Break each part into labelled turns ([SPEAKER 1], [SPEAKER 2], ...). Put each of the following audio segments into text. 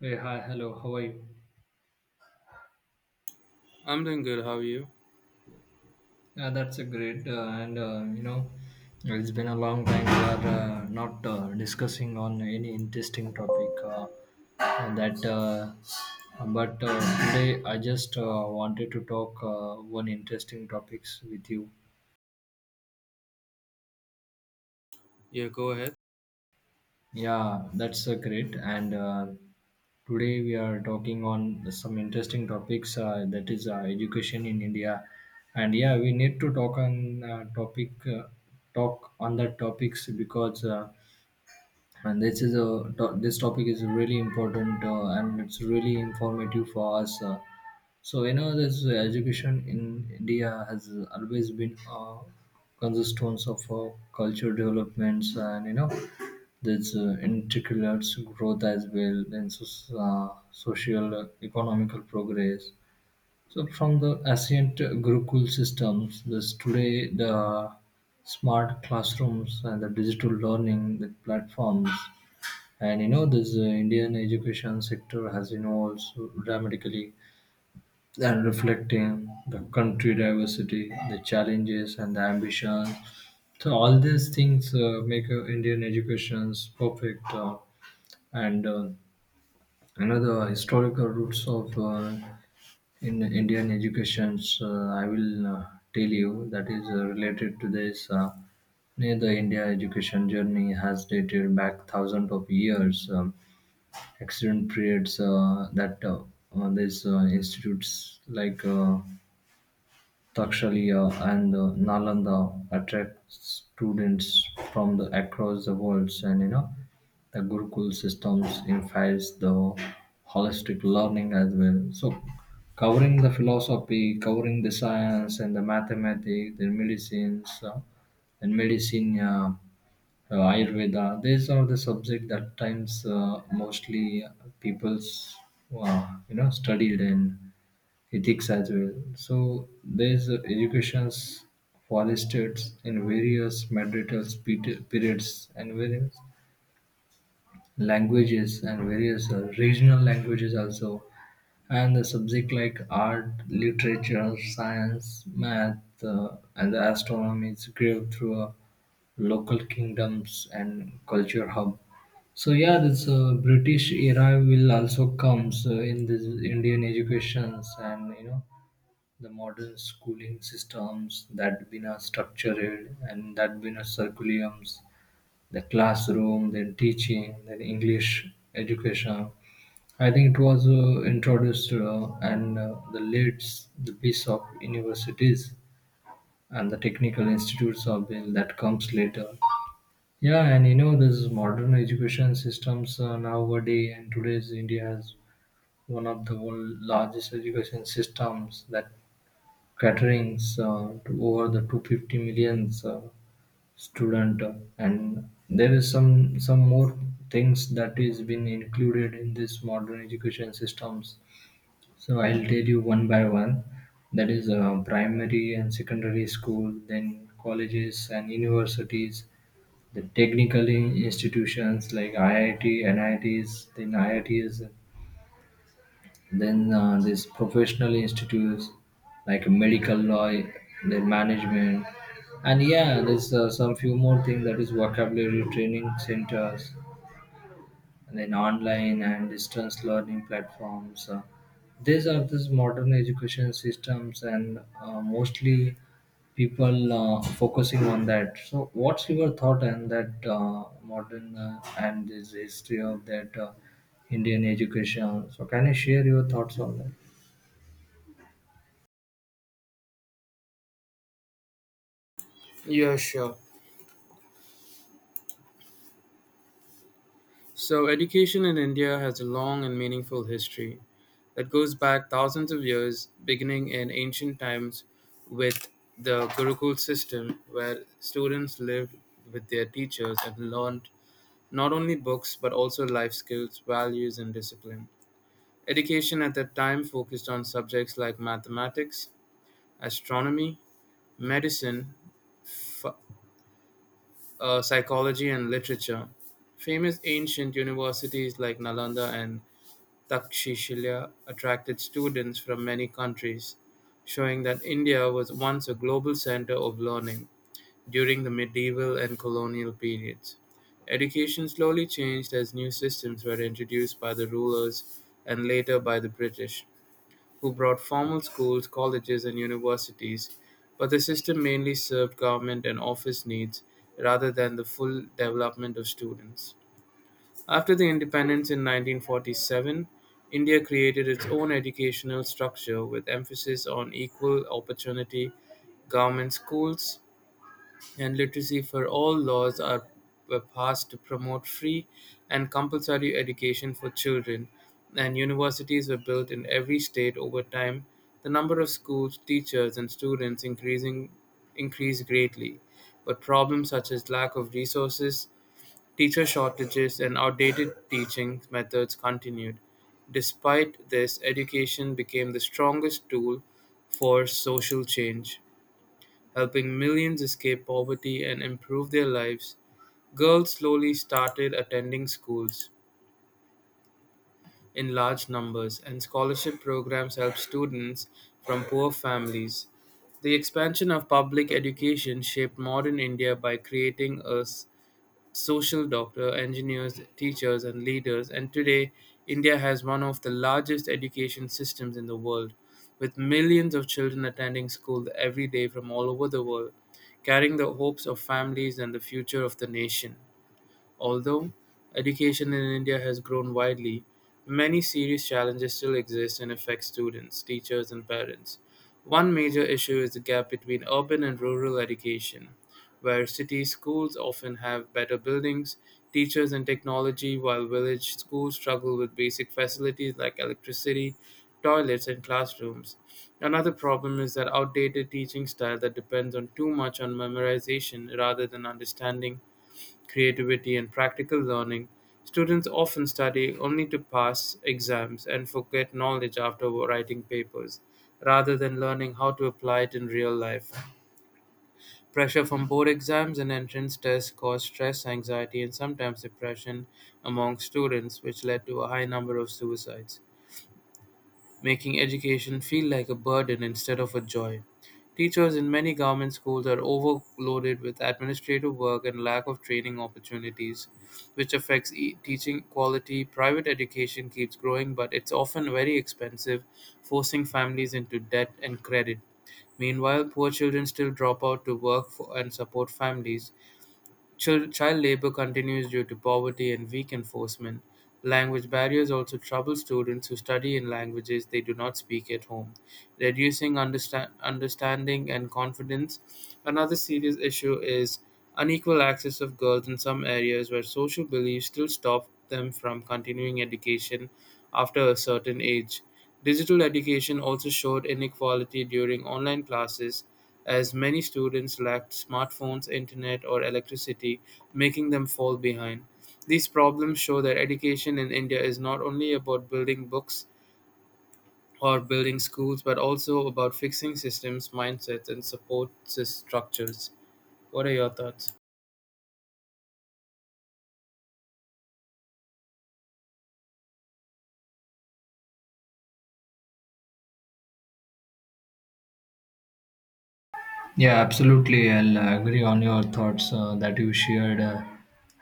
[SPEAKER 1] Hey, hi, hello, how are you?
[SPEAKER 2] I'm doing good. How are you?
[SPEAKER 1] Yeah, that's a great, it's been a long time we are not discussing on any interesting topic that, but today I just wanted to talk one interesting topics with you.
[SPEAKER 2] Yeah, go ahead.
[SPEAKER 1] Yeah, that's great. And Today we are talking on some interesting topics that is education in India. And yeah, we need to talk on topic talk on that topics because and this is a to- this topic is really important and it's really informative for us, so you know this education in india has always been a cornerstone of culture developments, and you know this integral growth as well. And so, uh, social economical progress. So from the ancient Gurukul systems, this today the smart classrooms and the digital learning with platforms. And you know, this Indian education sector has, you know, also dramatically and reflecting the country diversity, the challenges and the ambition. So all these things make Indian educations perfect and another historical roots of in Indian educations. I will tell you that is related to this. Near the India education journey has dated back thousands of years. Excellent periods that these institutes like. Takshaliya and Nalanda attract students from the across the world, and you know the Gurukul systems invites the holistic learning as well. So covering the philosophy, covering the science and the mathematics, the medicine, Ayurveda. These are the subject that times mostly people's you know studied in ethics as well. So there's educations fostered in various marital periods and various languages and various regional languages also, and the subject like art, literature, science, math and the astronomy is grew through a local kingdoms and culture hub. So yeah, this British era will also comes in this Indian educations, and you know the modern schooling systems that been are structured and that been are curriculums, the classroom, then teaching, then English education. I think it was introduced and the leads the piece of universities and the technical institutes of been that comes later. Yeah, and you know this modern education systems nowadays, and today's India has one of the world largest education systems that caterings to over the 250 millions student, and there is some more things that is been included in this modern education systems, so I'll tell you one by one. That is primary and secondary school, then colleges and universities, the technical institutions like IIT, NITs, then IITs, then these professional institutes like medical law, their management, and yeah, there's some few more things. That is vocabulary training centers, and then online and distance learning platforms. These are these modern education systems, and mostly people focusing on that. So, what's your thought on that modern and this history of that Indian education? So, can you share your thoughts on that?
[SPEAKER 2] Yeah, sure. So, education in India has a long and meaningful history that goes back thousands of years, beginning in ancient times with the Gurukul system, where students lived with their teachers and learned not only books but also life skills, values, and discipline. Education at that time focused on subjects like mathematics, astronomy, medicine, ph- psychology and literature. Famous ancient universities like Nalanda and Takshashila attracted students from many countries, showing that India was once a global center of learning during the medieval and colonial periods. Education slowly changed as new systems were introduced by the rulers and later by the British who brought formal schools, colleges, and universities, but the system mainly served government and office needs rather than the full development of students. After the independence in 1947, India created its own educational structure with emphasis on equal opportunity government schools, and literacy for all laws are were passed to promote free and compulsory education for children, and universities were built in every state over time. The number of schools, teachers, and students increasing increased greatly, but problems such as lack of resources, teacher shortages, and outdated teaching methods continued. Despite this, education became the strongest tool for social change helping millions escape poverty and improve their lives, girls slowly started attending schools in large numbers, and scholarship programs helped students from poor families. The expansion of public education shaped modern India by creating a social doctor, engineers, teachers, and leaders. And today, India has one of the largest education systems in the world, with millions of children attending school every day from all over the world, carrying the hopes of families and the future of the nation. Although education in India has grown widely, many serious challenges still exist and affect students, teachers, and parents. One major issue is the gap between urban and rural education, where city schools often have better buildings, teachers, and technology, while village schools struggle with basic facilities like electricity, toilets, and classrooms. Another problem is that outdated teaching style that depends on too much on memorization rather than understanding creativity, and practical learning, students often study only to pass exams and forget knowledge after writing papers, rather than learning how to apply it in real life. Pressure from board exams and entrance tests caused stress, anxiety, and sometimes depression among students, which led to a high number of suicides making education feel like a burden instead of a joy. Teachers in many government schools are overloaded with administrative work and lack of training opportunities, which affects teaching quality. Private education keeps growing, but it's often very expensive, forcing families into debt and credit. Meanwhile, poor children still drop out to work for and support families. Child labor continues due to poverty and weak enforcement. Language barriers also trouble students who study in languages they do not speak at home, reducing understanding and confidence. Another serious issue is unequal access of girls in some areas where social beliefs still stop them from continuing education after a certain age. Digital education also showed inequality during online classes as many students lacked smartphones, internet, or electricity, making them fall behind. These problems show that education in India is not only about building books or building schools, but also about fixing systems, mindsets, and support structures. What are your thoughts?
[SPEAKER 1] Yeah, absolutely. I'll agree on your thoughts that you shared,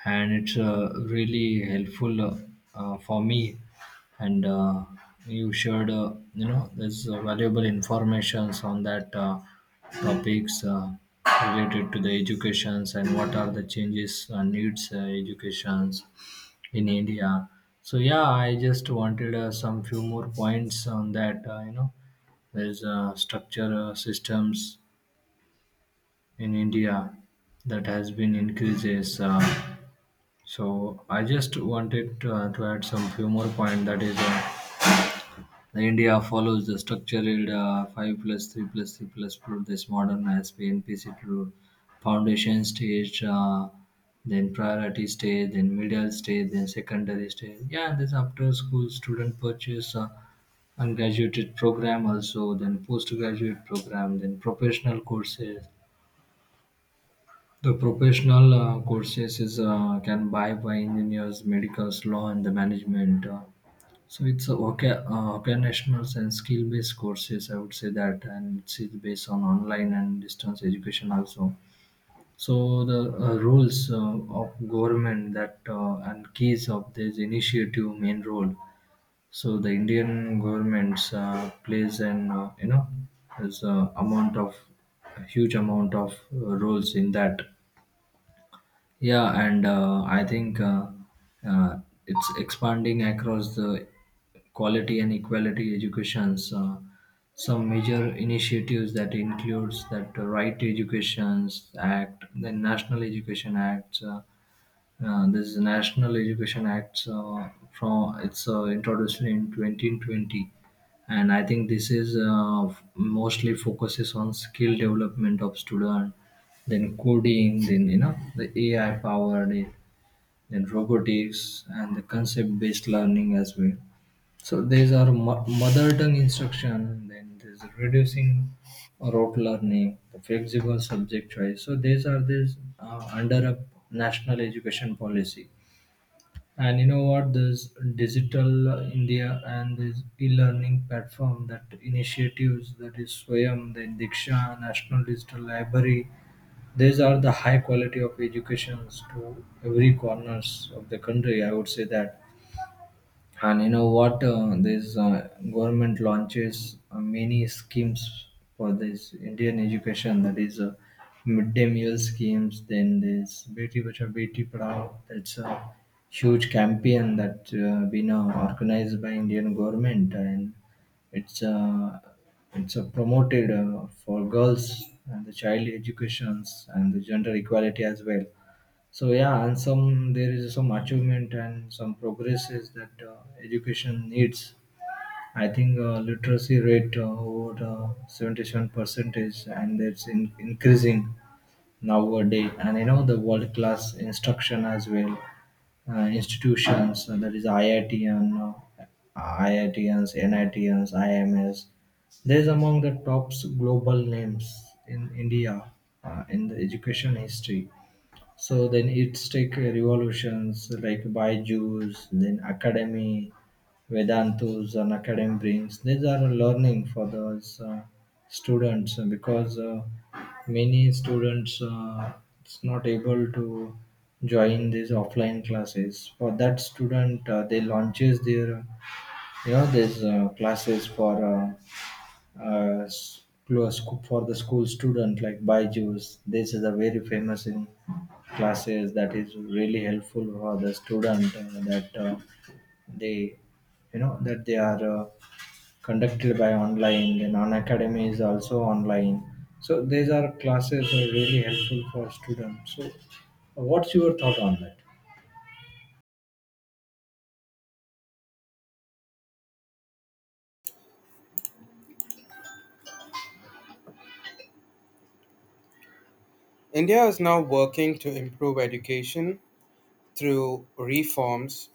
[SPEAKER 1] and it's really helpful for me. And you shared, you know, there's valuable informations on that topics related to the educations, and what are the changes needs educations in India. So yeah, I just wanted some few more points on that. You know, there's structure systems in India that has been increases. So I just wanted to add some few more point. That is the India follows the structured 5+3+3+4, this modern SP and PC to foundation stage. Then priority stage, then middle stage, then secondary stage. Yeah, this after school student purchase undergraduate program also, then postgraduate program, then professional courses. The professional courses is can buy by engineers, medicals, law, and the management. So it's a okay, vocational and skill based courses, I would say that, and it's based on online and distance education also. So the roles of government, that and keys of this initiative main role. So the Indian governments plays an you know, has a huge amount of roles in that. Yeah, and I think uh, it's expanding across the quality and equality educations. Some major initiatives that includes that Right to Educations Act, the National Education Act, this is National Education Act from it's introduced in 2020, and I think this is mostly focuses on skill development of student, then coding, then you know the AI powered, then robotics and the concept based learning as well. So these are mother tongue instruction, then there's reducing rote learning, the flexible subject choice. So these are these under a national education policy. And you know what? This digital India and this e-learning platform, that initiatives that is Swayam, the Diksha National Digital Library, these are the high quality of educations to every corners of the country, I would say that. And you know what? This government launches many schemes for this Indian education. That is midday meal schemes. Then this Beti Bachao Beti Padhao. That's a huge campaign that been organized by Indian government, and it's uh, it's promoted for girls and the child educations and the gender equality as well. So yeah, and some there is some achievement and some progresses that education needs. I think literacy rate over 77 percentage, and it's increasing nowadays. And you know the world class instruction as well, institutions that is IIT and IITs, NITs, IMS. There is among the top global names in India in the education history. So then it's take revolutions like by Jews, then Academy, Vedantus and Academy brings. These are learning for those students because many students it's not able to join these offline classes. For that student, they launches their, you know, these classes for uh, for the school student like Byju's. This is a very famous in classes that is really helpful for the student that they, you know, that they are conducted by online. The non academy is also online. So these are classes are really helpful for students. So what's your thought on that?
[SPEAKER 2] India is now working to improve education through reforms